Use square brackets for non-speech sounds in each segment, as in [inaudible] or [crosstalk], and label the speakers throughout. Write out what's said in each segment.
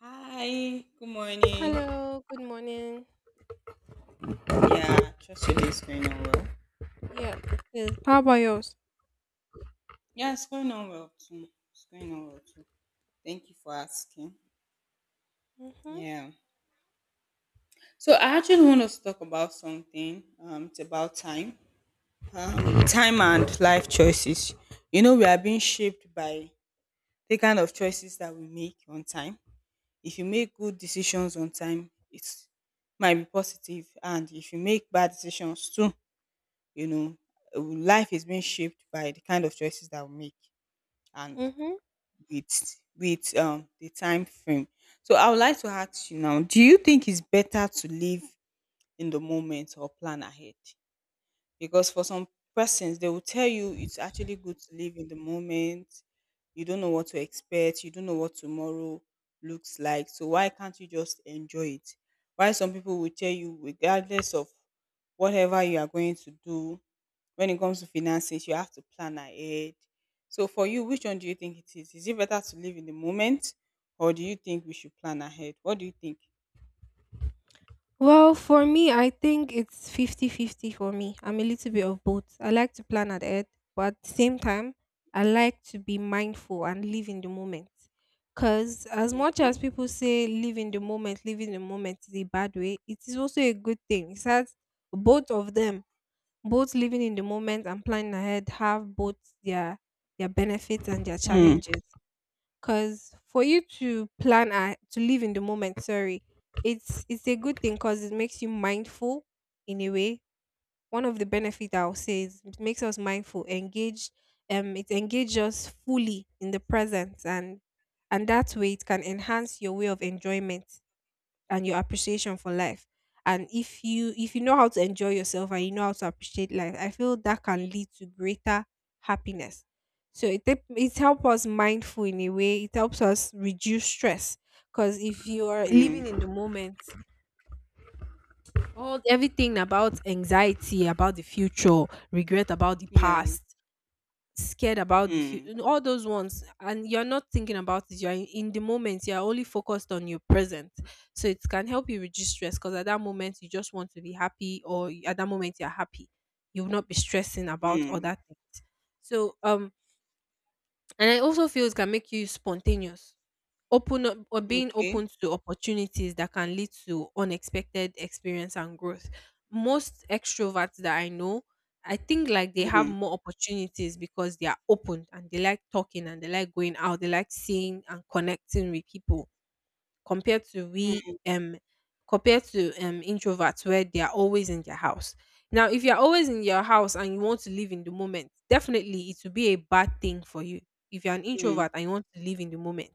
Speaker 1: Hi, good morning.
Speaker 2: Hello, good morning.
Speaker 1: Yeah, trust your day
Speaker 2: Um,
Speaker 1: is going on well.
Speaker 2: yes, it is. How about yours?
Speaker 1: Yeah, it's going on well too. It's going on well too. Thank you for asking.
Speaker 2: Mm-hmm.
Speaker 1: Yeah. So I actually want us to talk about something. It's about time. Time and life choices. We are being shaped by the kind of choices that we make on time. If you make good decisions on time, it might be positive, and if you make bad decisions too, you know, life is being shaped by the kind of choices that we make. And
Speaker 2: Mm-hmm.
Speaker 1: with with the time frame. So I would like to ask you now, do you think it's better to live in the moment or plan ahead? Because for some persons they will tell you it's actually good to live in the moment. You don't know what to expect, you don't know what tomorrow looks like. So why can't you just enjoy it? Why some people will tell you regardless of whatever you are going to do when it comes to finances, you have to plan ahead. So for you, which one do you think it is? Is it better to live in the moment or do you think we should plan ahead? What do you think?
Speaker 2: Well, for me, I think it's 50-50. For me. I'm a little bit of both. I like to plan ahead, but at the same time, I like to be mindful and live in the moment. Because as much as
Speaker 1: Okay.
Speaker 2: people say live in the moment, live in the moment is a bad way, it is also a good thing. It has both of them, both living in the moment and planning ahead have both their their benefits and their
Speaker 1: Mm.
Speaker 2: challenges. Because for you to live in the moment, sorry, it's a good thing because it makes you mindful in a way. One of the benefits I'll say is it makes us mindful, engaged. It engages us fully in the present, and that way it can enhance your way of enjoyment and your appreciation for life. And if you know how to enjoy yourself and you know how to appreciate life, I feel that can lead to greater happiness. So it helps us mindful in a way. It helps us reduce stress, because if you are living in
Speaker 1: Mm.
Speaker 2: the moment, all everything about anxiety about the future, regret about the
Speaker 1: Yeah.
Speaker 2: past, scared about the
Speaker 1: Mm.
Speaker 2: future, all those ones, and you're not thinking about it. You're in the moment. You're only focused on your present, so it can help you reduce stress. Because at that moment, you just want to be happy, at that moment, you're happy. You will not be stressing about
Speaker 1: Mm.
Speaker 2: other things. So, and I also feel it can make you spontaneous, open up, or being
Speaker 1: Okay.
Speaker 2: open to opportunities that can lead to unexpected experience and growth. Most extroverts that I know, I think like they have
Speaker 1: Mm.
Speaker 2: more opportunities because they are open and they like talking and they like going out, they like seeing and connecting with people, compared to
Speaker 1: Mm.
Speaker 2: introverts where they are always in their house. Now, if you're always in your house and you want to live in the moment, definitely it will be a bad thing for you. If you're an
Speaker 1: Mm.
Speaker 2: introvert and you want to live in the moment,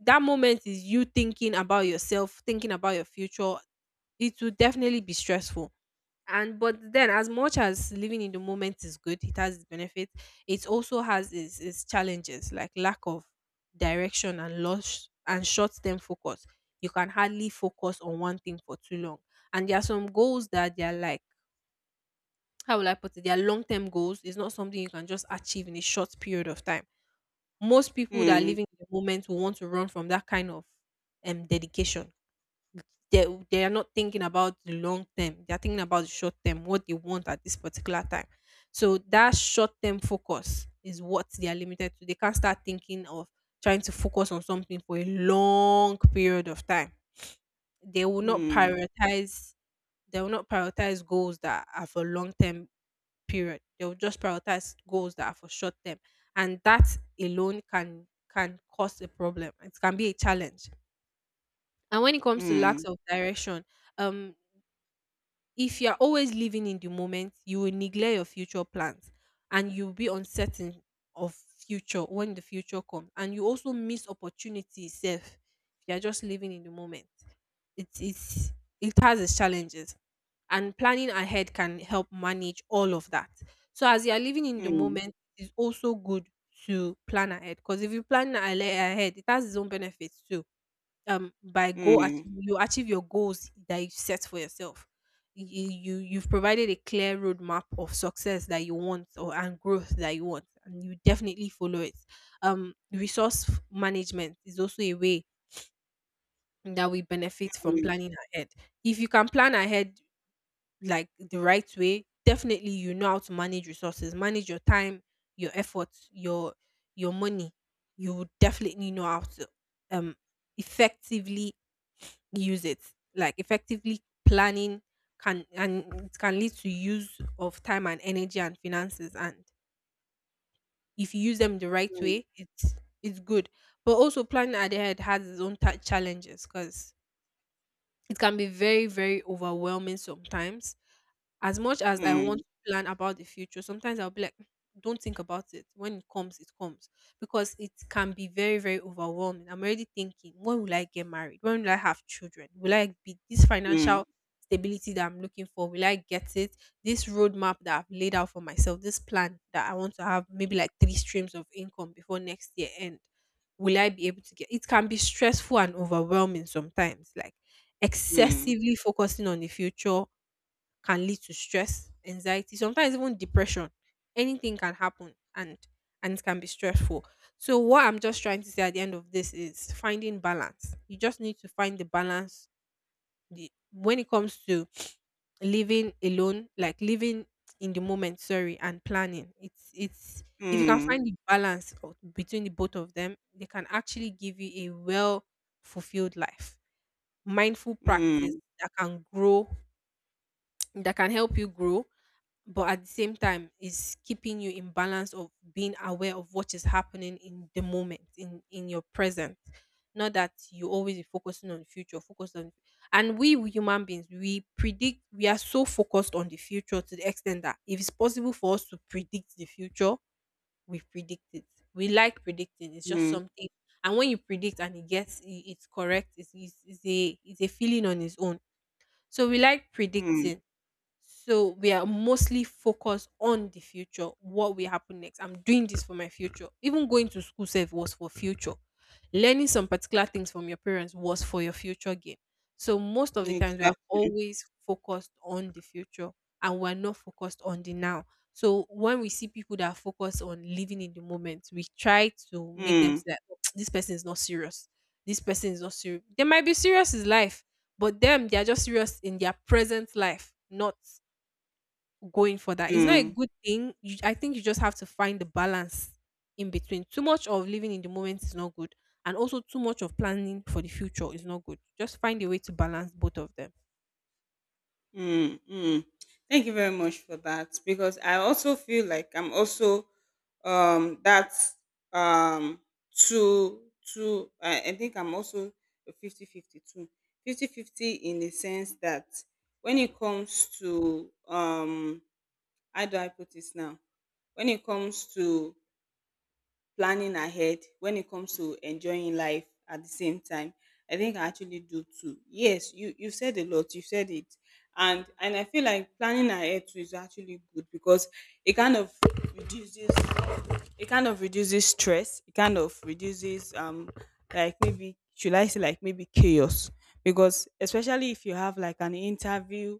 Speaker 2: that moment is you thinking about yourself, thinking about your future. It will definitely be stressful. And but then, as much as living in the moment is good, it has its benefits. It also has its challenges, like lack of direction and loss and short-term focus. You can hardly focus on one thing for too long. And there are some goals that they are like, how will I put it? They are long-term goals. It's not something you can just achieve in a short period of time. Most people that are living in the moment will want to run from that kind of dedication. They they are not thinking about the long term. They are thinking about the short term, what they want at this particular time. So that short term focus is what they are limited to. They can't start thinking of trying to focus on something for a long period of time. They will not
Speaker 1: Mm.
Speaker 2: prioritize. They will not prioritize goals that are for long term period. They will just prioritize goals that are for short term, and that alone can cause a problem. It can be a challenge. And when it comes to lack
Speaker 1: Mm.
Speaker 2: of direction, um if you're always living in the moment, you will neglect your future plans and you'll be uncertain of future when the future comes. And you also miss opportunities if you're just living in the moment. It's it's it has its challenges. And planning ahead can help manage all of that. So as you're living in the
Speaker 1: Mm.
Speaker 2: moment, it's also good to plan ahead. Because if you ahead, it has its own benefits too. By goal achieve,
Speaker 1: Mm.
Speaker 2: you achieve your goals that you set for yourself. You've provided a clear roadmap of success that you want, or and growth that you want, and you definitely follow it. Resource management is also a way that we benefit from planning ahead. If you can plan ahead like the right way, definitely you know how to manage resources, manage your time, your efforts, your money. You would definitely know how to um effectively use it. Like effectively planning can, and it can lead to use of time and energy and finances. And if you use them the right way, it's good. But also planning ahead has its own challenges, because it can be very, very overwhelming sometimes. As much as I want
Speaker 1: Mm.
Speaker 2: to plan about the future, sometimes I'll be like, don't think about it. When it comes, it comes. Because it can be very, very overwhelming. I'm already thinking, when will I get married? When will I have children? Will I be this
Speaker 1: Mm.
Speaker 2: financial stability that I'm looking for? Will I get it? This roadmap that I've laid out for myself, this plan that I want to have maybe like three streams of income before next year end, will I be able to get? It can be stressful and overwhelming sometimes. Like,
Speaker 1: Mm. Mm.
Speaker 2: excessively focusing on the future can lead to stress, anxiety, sometimes even depression. Anything can happen, and it can be stressful. So what I'm just trying to say at the end of this is finding balance. You just need to find the balance, when it comes to living alone, like living in the moment, sorry, and planning. It's If you can
Speaker 1: Mm.
Speaker 2: find the balance between the both of them, they can actually give you a well fulfilled life, mindful practice
Speaker 1: Mm.
Speaker 2: that can grow, that can help you grow, but at the same time is keeping you in balance of being aware of what is happening in the moment, in your present. Not that you always be focusing on the future, focused on. And we human beings, we predict, we are so focused on the future to the extent that if it's possible for us to predict the future, we predict it. We like predicting, it's
Speaker 1: Mm.
Speaker 2: just
Speaker 1: Mm.
Speaker 2: something. And when you predict and it's correct, it's a feeling on its own. So we like
Speaker 1: Mm.
Speaker 2: predicting. So we are mostly focused on the future, what will happen next. I'm doing this for my future. Even going to school self was for future. Learning some particular things from your parents was for your future gain. So most of the times we are
Speaker 1: Exactly.
Speaker 2: always focused on the future, and we're not focused on the now. So when we see people that are focused on living in the moment, we try to make them
Speaker 1: Mm.
Speaker 2: see that, "Oh, [tsk] this person is not serious. This person is not serious. They might be serious is life, but them, they are just serious in their present life, not going for that. It's not a
Speaker 1: Mm.
Speaker 2: good thing." You, I think you just have to find the balance in between. Too much of living in the moment is not good, and also too much of planning for the future is not good. Just find a way to balance both of them.
Speaker 1: Mm, mm. Thank you very much for that because I also feel like I'm also that um too. I think I'm also a 50-50 too. 50-50 in the sense that when it comes to how do I put this now? When it comes to planning ahead, when it comes to enjoying life at the same time, I think I actually do too. Yes, you said a lot, you said it. And I feel like planning ahead too is actually good because it kind of reduces, it kind of reduces stress, it kind of reduces, like maybe should I say like maybe chaos, because especially if you have like an interview,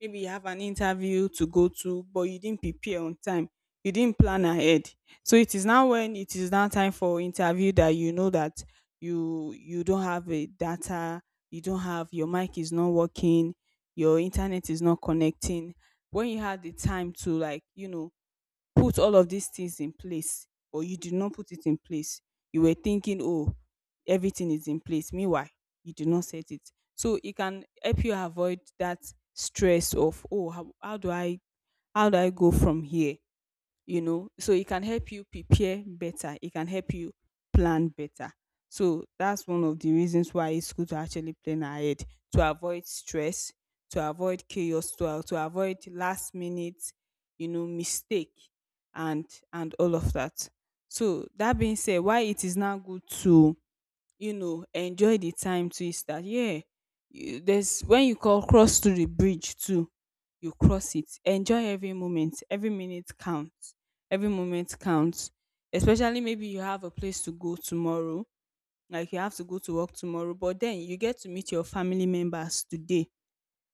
Speaker 1: maybe you have an interview to go to but you didn't prepare on time, you didn't plan ahead. So it is now when it is now time for interview that you know that you don't have a data, you don't have, your mic is not working, your internet is not connecting, when you had the time to like, put all of these things in place, or you did not put it in place. You were thinking, oh, everything is in place. Meanwhile, you did not set it. So it can help you avoid that stress of, oh, how do I, how do I go from here? You know so it can help you prepare better, it can help you plan better. So that's one of the reasons why it's good to actually plan ahead, to avoid stress, to avoid chaos, to avoid last minute, mistake, and and all of that. So that being said, why it is now good to, enjoy the time too, is that yeah, there's, when you call cross to the bridge too, you cross it. Enjoy every moment. Every minute counts. Every moment counts. Especially maybe you have a place to go tomorrow, like you have to go to work tomorrow, but then you get to meet your family members today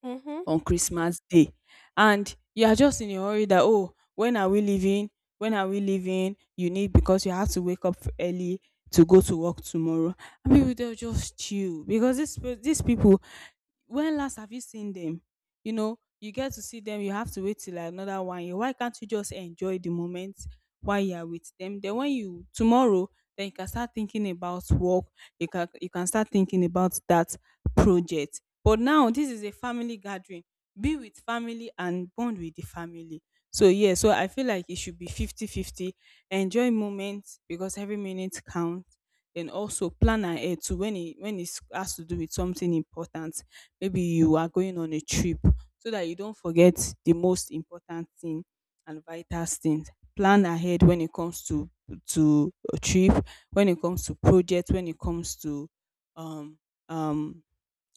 Speaker 2: Mm-hmm.
Speaker 1: on Christmas Day. And you are just in a hurry that, oh, when are we leaving? When are we leaving? You need, because you have to wake up early to go to work tomorrow. And people, they'll just chill, because these people, when last have you seen them? You know, you get to see them, you have to wait till another 1 year. Why can't you just enjoy the moment while you are with them? Then when you tomorrow, then you can start thinking about work, you can start thinking about that project. But now this is a family gathering. Be with family and bond with the family. So yeah, so I feel like it should be 50-50. Enjoy moments because every minute counts. Then also plan ahead to, when it, when it has to do with something important, maybe you are going on a trip, so that you don't forget the most important thing and vital things. Plan ahead when it comes to a trip, when it comes to project, when it comes to um um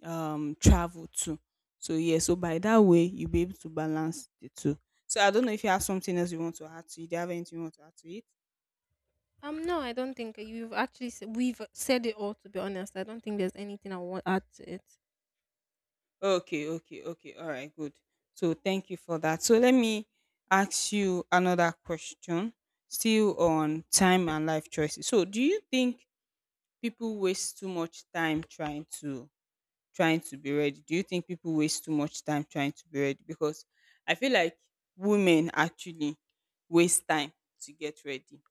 Speaker 1: travel too. So yeah, so by that way you'll be able to balance the two. So I don't know if you have something else you want to add to it. Do you have anything you want to add to it?
Speaker 2: No, I don't think we've said it all. To be honest, I don't think there's anything I want to add to it.
Speaker 1: Okay, okay, okay. All right, good. So thank you for that. So let me ask you another question, still on time and life choices. So do you think people waste too much time trying to, trying to be ready? Do you think people waste too much time trying to be ready? Because I feel like women actually waste time to get ready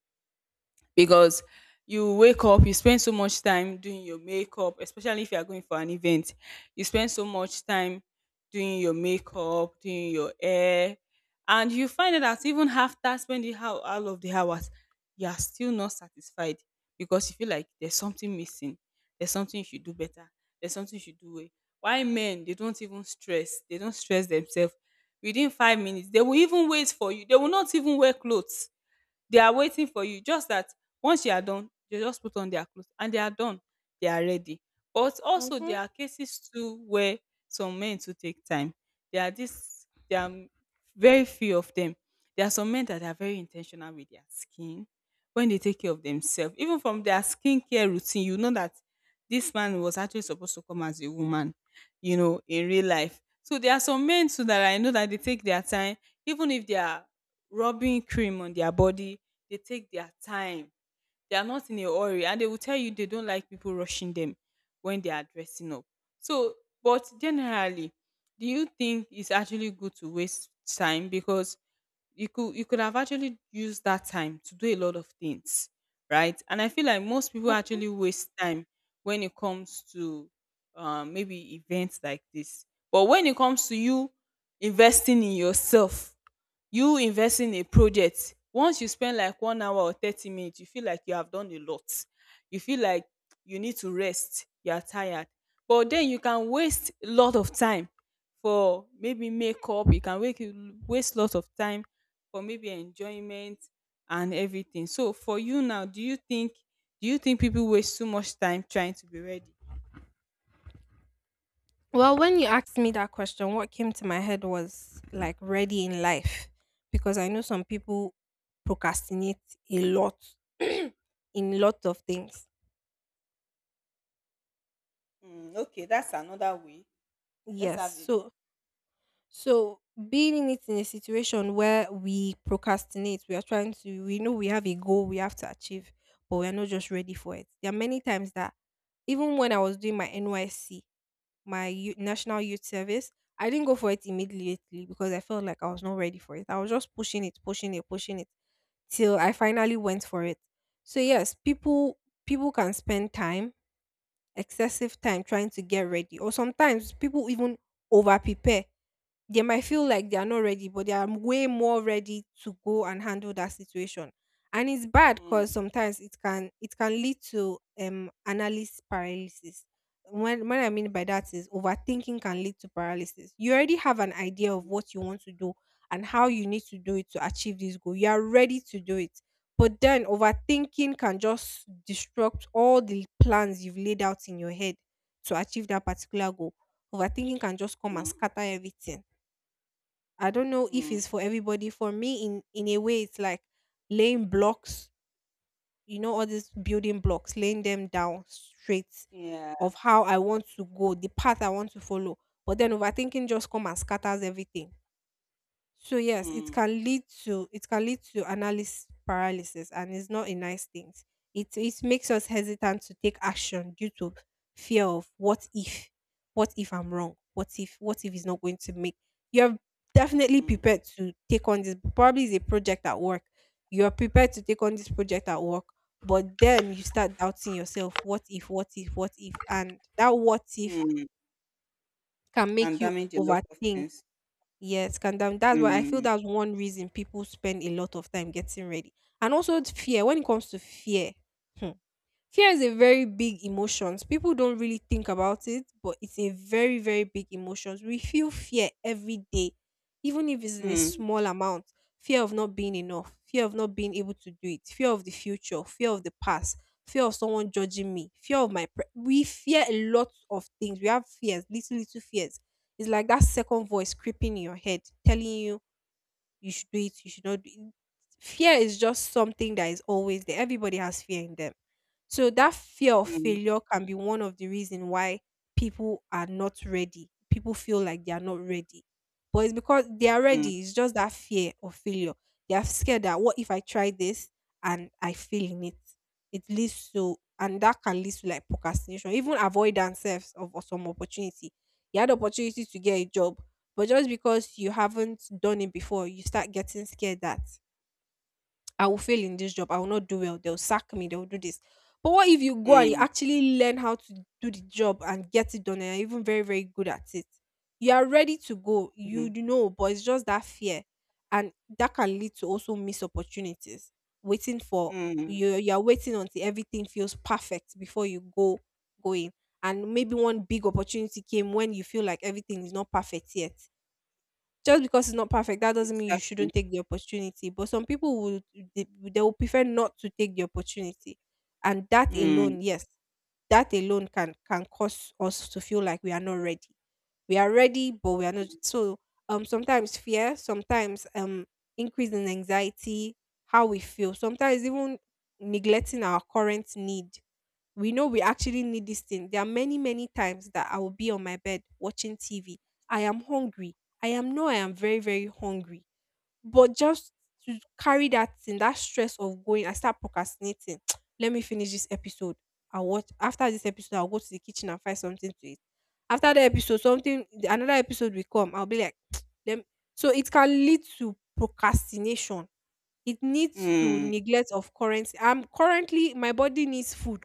Speaker 1: because you wake up, you spend so much time doing your makeup, especially if you are going for an event, you spend so much time doing your makeup, doing your hair, and you find out that even after spending how all of the hours, you are still not satisfied because you feel like there's something missing, there's something you should do better, there's something you should do well. Why men, they don't even stress, they don't stress themselves. Within 5 minutes, they will even wait for you, they will not even wear clothes, they are waiting for you. Just that once you are done, they just put on their clothes and they are done. They are ready. But also
Speaker 2: Mm-hmm.
Speaker 1: there are cases too where some men to take time. There are very few of them. There are some men that are very intentional with their skin, when they take care of themselves. Even from their skincare routine, you know that this man was actually supposed to come as a woman, you know, in real life. So there are some men too that I know that they take their time, even if they are rubbing cream on their body, they take their time. They are not in a hurry and they will tell you they don't like people rushing them when they are dressing up. So, but generally, do you think it's actually good to waste time? Because you could, you could have actually used that time to do a lot of things, right? And I feel like most people actually waste time when it comes to, maybe events like this. But when it comes to you investing in yourself, you invest in a project, once you spend like 1 hour or 30 minutes, you feel like you have done a lot, you feel like you need to rest, you are tired. But then you can waste a lot of time for maybe makeup, you can wake waste a lot of time for maybe enjoyment and everything. So for you now, do you think, do you think people waste too much time trying to be ready?
Speaker 2: Well, when you asked me that question, what came to my head was like ready in life, because I know some people procrastinate a lot [clears throat] in lot of things.
Speaker 1: Mm, okay, that's another way, let's
Speaker 2: Yes,
Speaker 1: have it.
Speaker 2: so, so being in a situation where we procrastinate, we are trying to we know we have a goal we have to achieve, but we are not just ready for it. There are many times that even when I was doing my NYC, my youth, national youth service, I didn't go for it immediately because I felt like I was not ready for it. I was just pushing it, pushing it, pushing it till I finally went for it. So yes, people, people can spend time, excessive time trying to get ready, or sometimes people even over prepare. They might feel like they are not ready, but they are way more ready to go and handle that situation. And it's bad
Speaker 1: Mm,
Speaker 2: because sometimes it can lead to analysis paralysis. When I mean by that is overthinking can lead to paralysis. You already have an idea of what you want to do and how you need to do it to achieve this goal. You are ready to do it. But then overthinking can just disrupt all the plans you've laid out in your head to achieve that particular goal. Overthinking can just come and
Speaker 1: mm,
Speaker 2: scatter everything. I don't know if
Speaker 1: mm,
Speaker 2: it's for everybody. For me, in a way, it's like laying blocks. You know, all these building blocks, laying them down straight
Speaker 1: yeah.
Speaker 2: of how I want to go, the path I want to follow. But then overthinking just come and scatters everything. So yes, it
Speaker 1: Mm,
Speaker 2: can lead to analysis paralysis, and it's not a nice thing. It makes us hesitant to take action due to fear of what if I'm wrong, what if it's not going to make. You're definitely
Speaker 1: mm.
Speaker 2: prepared to take on this. Probably is a project at work. You're prepared to take on this project at work, but then you start doubting yourself. What if? What if? What if? And that what if
Speaker 1: Mm,
Speaker 2: can
Speaker 1: can
Speaker 2: make you
Speaker 1: damage a lot of
Speaker 2: overthink.
Speaker 1: things.
Speaker 2: Yes, can damn. That's why I feel
Speaker 1: Mm,
Speaker 2: that's one reason people spend a lot of time getting ready. And also fear. When it comes to fear, hmm, fear is a very big emotion. People don't really think about it, but it's a very, very big emotion. We feel fear every day, even if it's in a
Speaker 1: mm,
Speaker 2: small amount. Fear of not being enough, fear of not being able to do it, fear of the future, fear of the past, fear of someone judging me, fear of my. We fear a lot of things. We have fears, little, little fears. It's like that second voice creeping in your head, telling you you should do it, you should not do it. Fear is just something that is always there. Everybody has fear in them. So that fear of
Speaker 1: mm,
Speaker 2: failure can be one of the reason why people are not ready. People feel like they are not ready. But it's because they are
Speaker 1: mm,
Speaker 2: ready. It's just that fear of failure. They are scared that what if I try this and I fail in it? It leads to and that can lead to like procrastination, even avoidance self of some opportunity. You had opportunity to get a job but just because you haven't done it before, you start getting scared that [tsk] I will fail in this job. I will not do well. They'll sack me. They'll do this. But what if you go and you
Speaker 1: mm,
Speaker 2: actually learn how to do the job and get it done and you're even very, very good at it? You are ready to go. You
Speaker 1: mm,
Speaker 2: know, but it's just that fear. And that can lead to also missed opportunities. Waiting for
Speaker 1: mm.
Speaker 2: you're waiting until everything feels perfect before you go in. And maybe one big opportunity came when you feel like everything is not perfect yet, just because it's not perfect, that doesn't mean you shouldn't
Speaker 1: Exactly.
Speaker 2: take the opportunity. But some people would they, they will prefer not to take the opportunity, and that
Speaker 1: Mm,
Speaker 2: alone, yes, that alone can cause us to feel like we are not ready. We are ready, but we are not. So sometimes fear, sometimes increase in anxiety, how we feel, sometimes even neglecting our current need, we know we actually need this thing. There are many, many times that I will be on my bed watching TV. I am hungry. I am no, I am very, very hungry. But just to carry that thing, that stress of going, I start procrastinating. [tsk] Let me finish this episode. I'll watch after this episode, I'll go to the kitchen and find something to eat. After the episode, something another episode will come. I'll be like, [tsk] let me-" so it can lead to procrastination. It needs to
Speaker 1: mm,
Speaker 2: neglect of currency. I'm currently, my body needs food,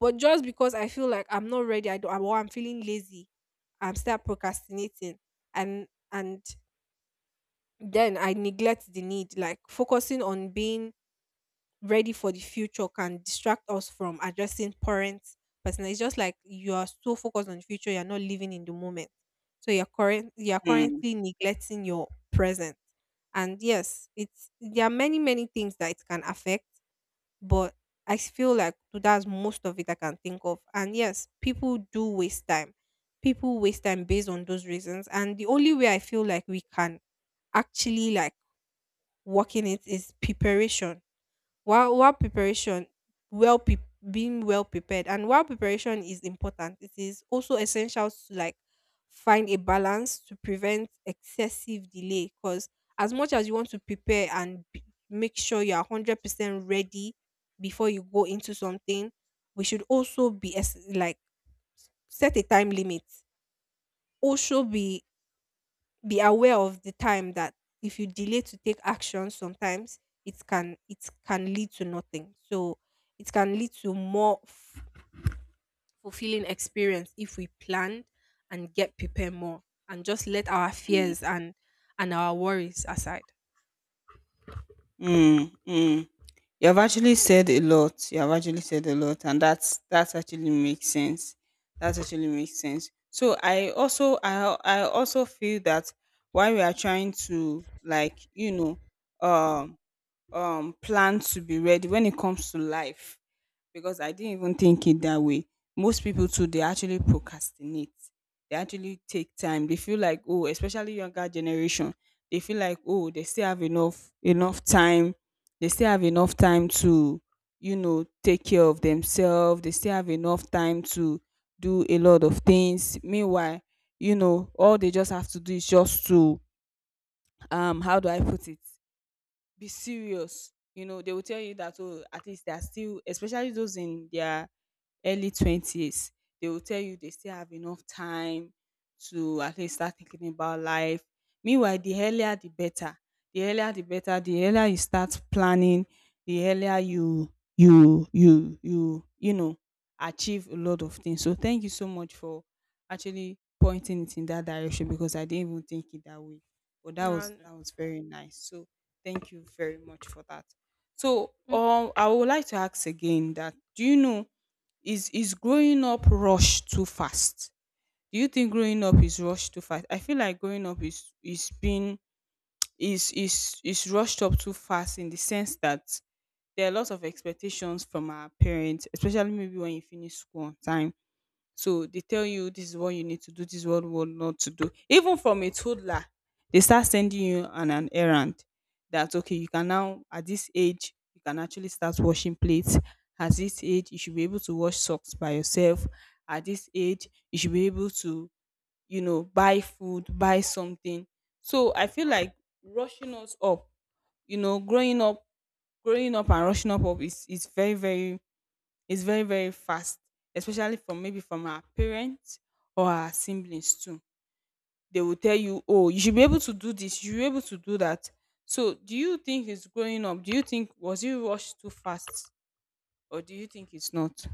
Speaker 2: but just because I feel like I'm not ready, I don't, I'm- or I'm feeling lazy, I'm start procrastinating, and then I neglect the need. Like focusing on being ready for the future can distract us from addressing current person. It's just like you are so focused on the future, you're not living in the moment. So you're
Speaker 1: mm,
Speaker 2: currently neglecting your present. And yes, it's there are many, many things that it can affect, but feel like that's most of it I can think of. And yes, people do waste time. People waste time based on those reasons. And the only way I feel like we can actually, like, work in it is preparation, while preparation well pre- being well prepared. And while preparation is important, it is also essential to, like, find a balance to prevent excessive delay, because as much as you want to prepare and make sure you are 100% ready before you go into something, we should also be as like set a time limit, also be aware of the time that if you delay to take action sometimes it can lead to nothing. So it can lead to more fulfilling experience if we plan and get prepared more and just let our fears and our worries aside.
Speaker 1: mm, mm. You have actually said a lot. You have actually said a lot, and that's actually makes sense. That actually makes sense. So I also, I also feel that while we are trying to like, um plan to be ready when it comes to life, because I didn't even think it that way. Most people too, they actually procrastinate. They actually take time. They feel like, oh, especially younger generation, they feel like, oh, they still have enough time. They still have enough time to, you know, take care of themselves. They still have enough time to do a lot of things. Meanwhile, you know, all they just have to do is just to how do I put it? Be serious. You know, they will tell you that oh, at least they are still, especially those in their early 20s, they will tell you they still have enough time to at least start thinking about life. Meanwhile, the earlier the better. The earlier the better. The earlier you start planning, the earlier you you know achieve a lot of things. So thank you so much for actually pointing it in that direction because I didn't even think it that way. But that was,
Speaker 2: And-
Speaker 1: that was very nice. So thank you very much for that. So
Speaker 2: Mm.
Speaker 1: I would like to ask again that, do you know, is growing up rushed too fast? Do you think growing up is rushed too fast? I feel like growing up is being is rushed up too fast, in the sense that there are lots of expectations from our parents, especially maybe when you finish school on time, so they tell you this is what you need to do, this is what not to do. Even from a toddler, they start sending you on an errand that okay, you can now at this age you can actually start washing plates. At this age, you should be able to wash socks by yourself. At this age, you should be able to, you know, buy food, buy something. So I feel like rushing us up, you know, growing up and rushing up up is very very it's very, very fast, especially from maybe from our parents or our siblings too. They will tell you, oh, you should be able to do this, you should be able to do that. So do you think it's growing up? Do you think was it rushed too fast? Or do you think it's not?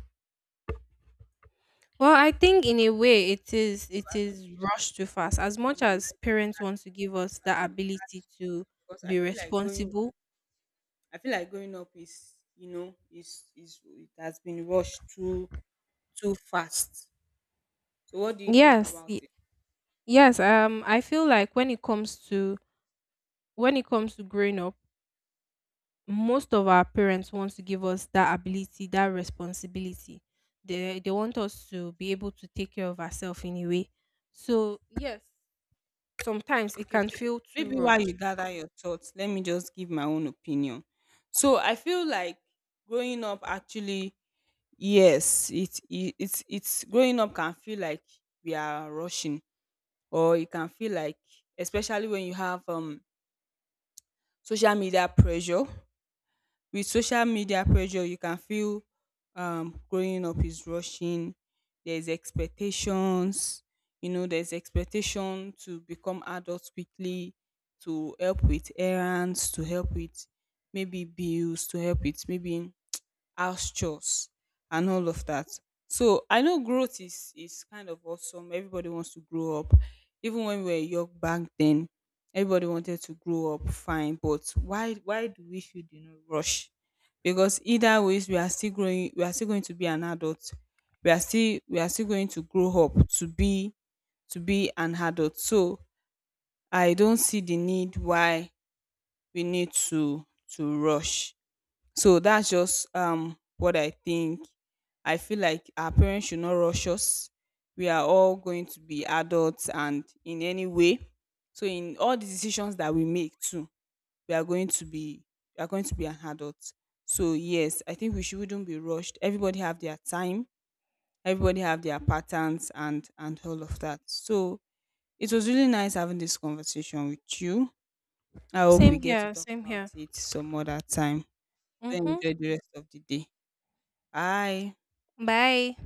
Speaker 2: Well, I think in a way it is
Speaker 1: I
Speaker 2: it
Speaker 1: don't know
Speaker 2: is
Speaker 1: if
Speaker 2: rushed too fast,
Speaker 1: you,
Speaker 2: as much
Speaker 1: you will
Speaker 2: as
Speaker 1: like,
Speaker 2: parents want to give us the
Speaker 1: um
Speaker 2: ability to
Speaker 1: because I
Speaker 2: be
Speaker 1: feel like growing up,
Speaker 2: responsible.
Speaker 1: I feel like growing up is, you know, is it has been rushed too fast. So what do you think
Speaker 2: Yes,
Speaker 1: about
Speaker 2: y-
Speaker 1: it?
Speaker 2: yes. I feel like when it comes to growing up, most of our parents want to give us that ability, that responsibility. They want us to be able to take care of ourselves in a way. So yes, sometimes it
Speaker 1: Okay,
Speaker 2: can
Speaker 1: so
Speaker 2: feel too
Speaker 1: maybe while you
Speaker 2: rushed.
Speaker 1: gather your thoughts, let me just give my own opinion. So I feel like growing up actually, yes, it's growing up can feel like we are rushing, or it can feel like, especially when you have social media pressure. With social media pressure, you can feel growing up is rushing. There's expectations, you know, there's expectation to become adults quickly, to help with errands, to help with maybe bills, to help with maybe house chores and all of that. So I know growth is kind of awesome. Everybody wants to grow up. Even when we were young back then, everybody wanted to grow up fine. But why do we should, you know, rush? Because either ways we are still growing, we are still going to be an adult. We are still going to grow up to be, to be an adult. So I don't see the need why we need to rush. So that's just, what I think. I feel like our parents should not rush us. We are all going to be adults and in any way. So in all the decisions that we make too, we are going to be we are going to be an adult. So yes, I think we shouldn't be rushed. Everybody have their time, everybody have their patterns and all of that. So it was really nice having this conversation with you. I hope we
Speaker 2: Same
Speaker 1: get to
Speaker 2: here.
Speaker 1: talk
Speaker 2: Same
Speaker 1: about
Speaker 2: here.
Speaker 1: it some other time. Do
Speaker 2: Mhm.
Speaker 1: enjoy the rest of the day. I
Speaker 2: Bye.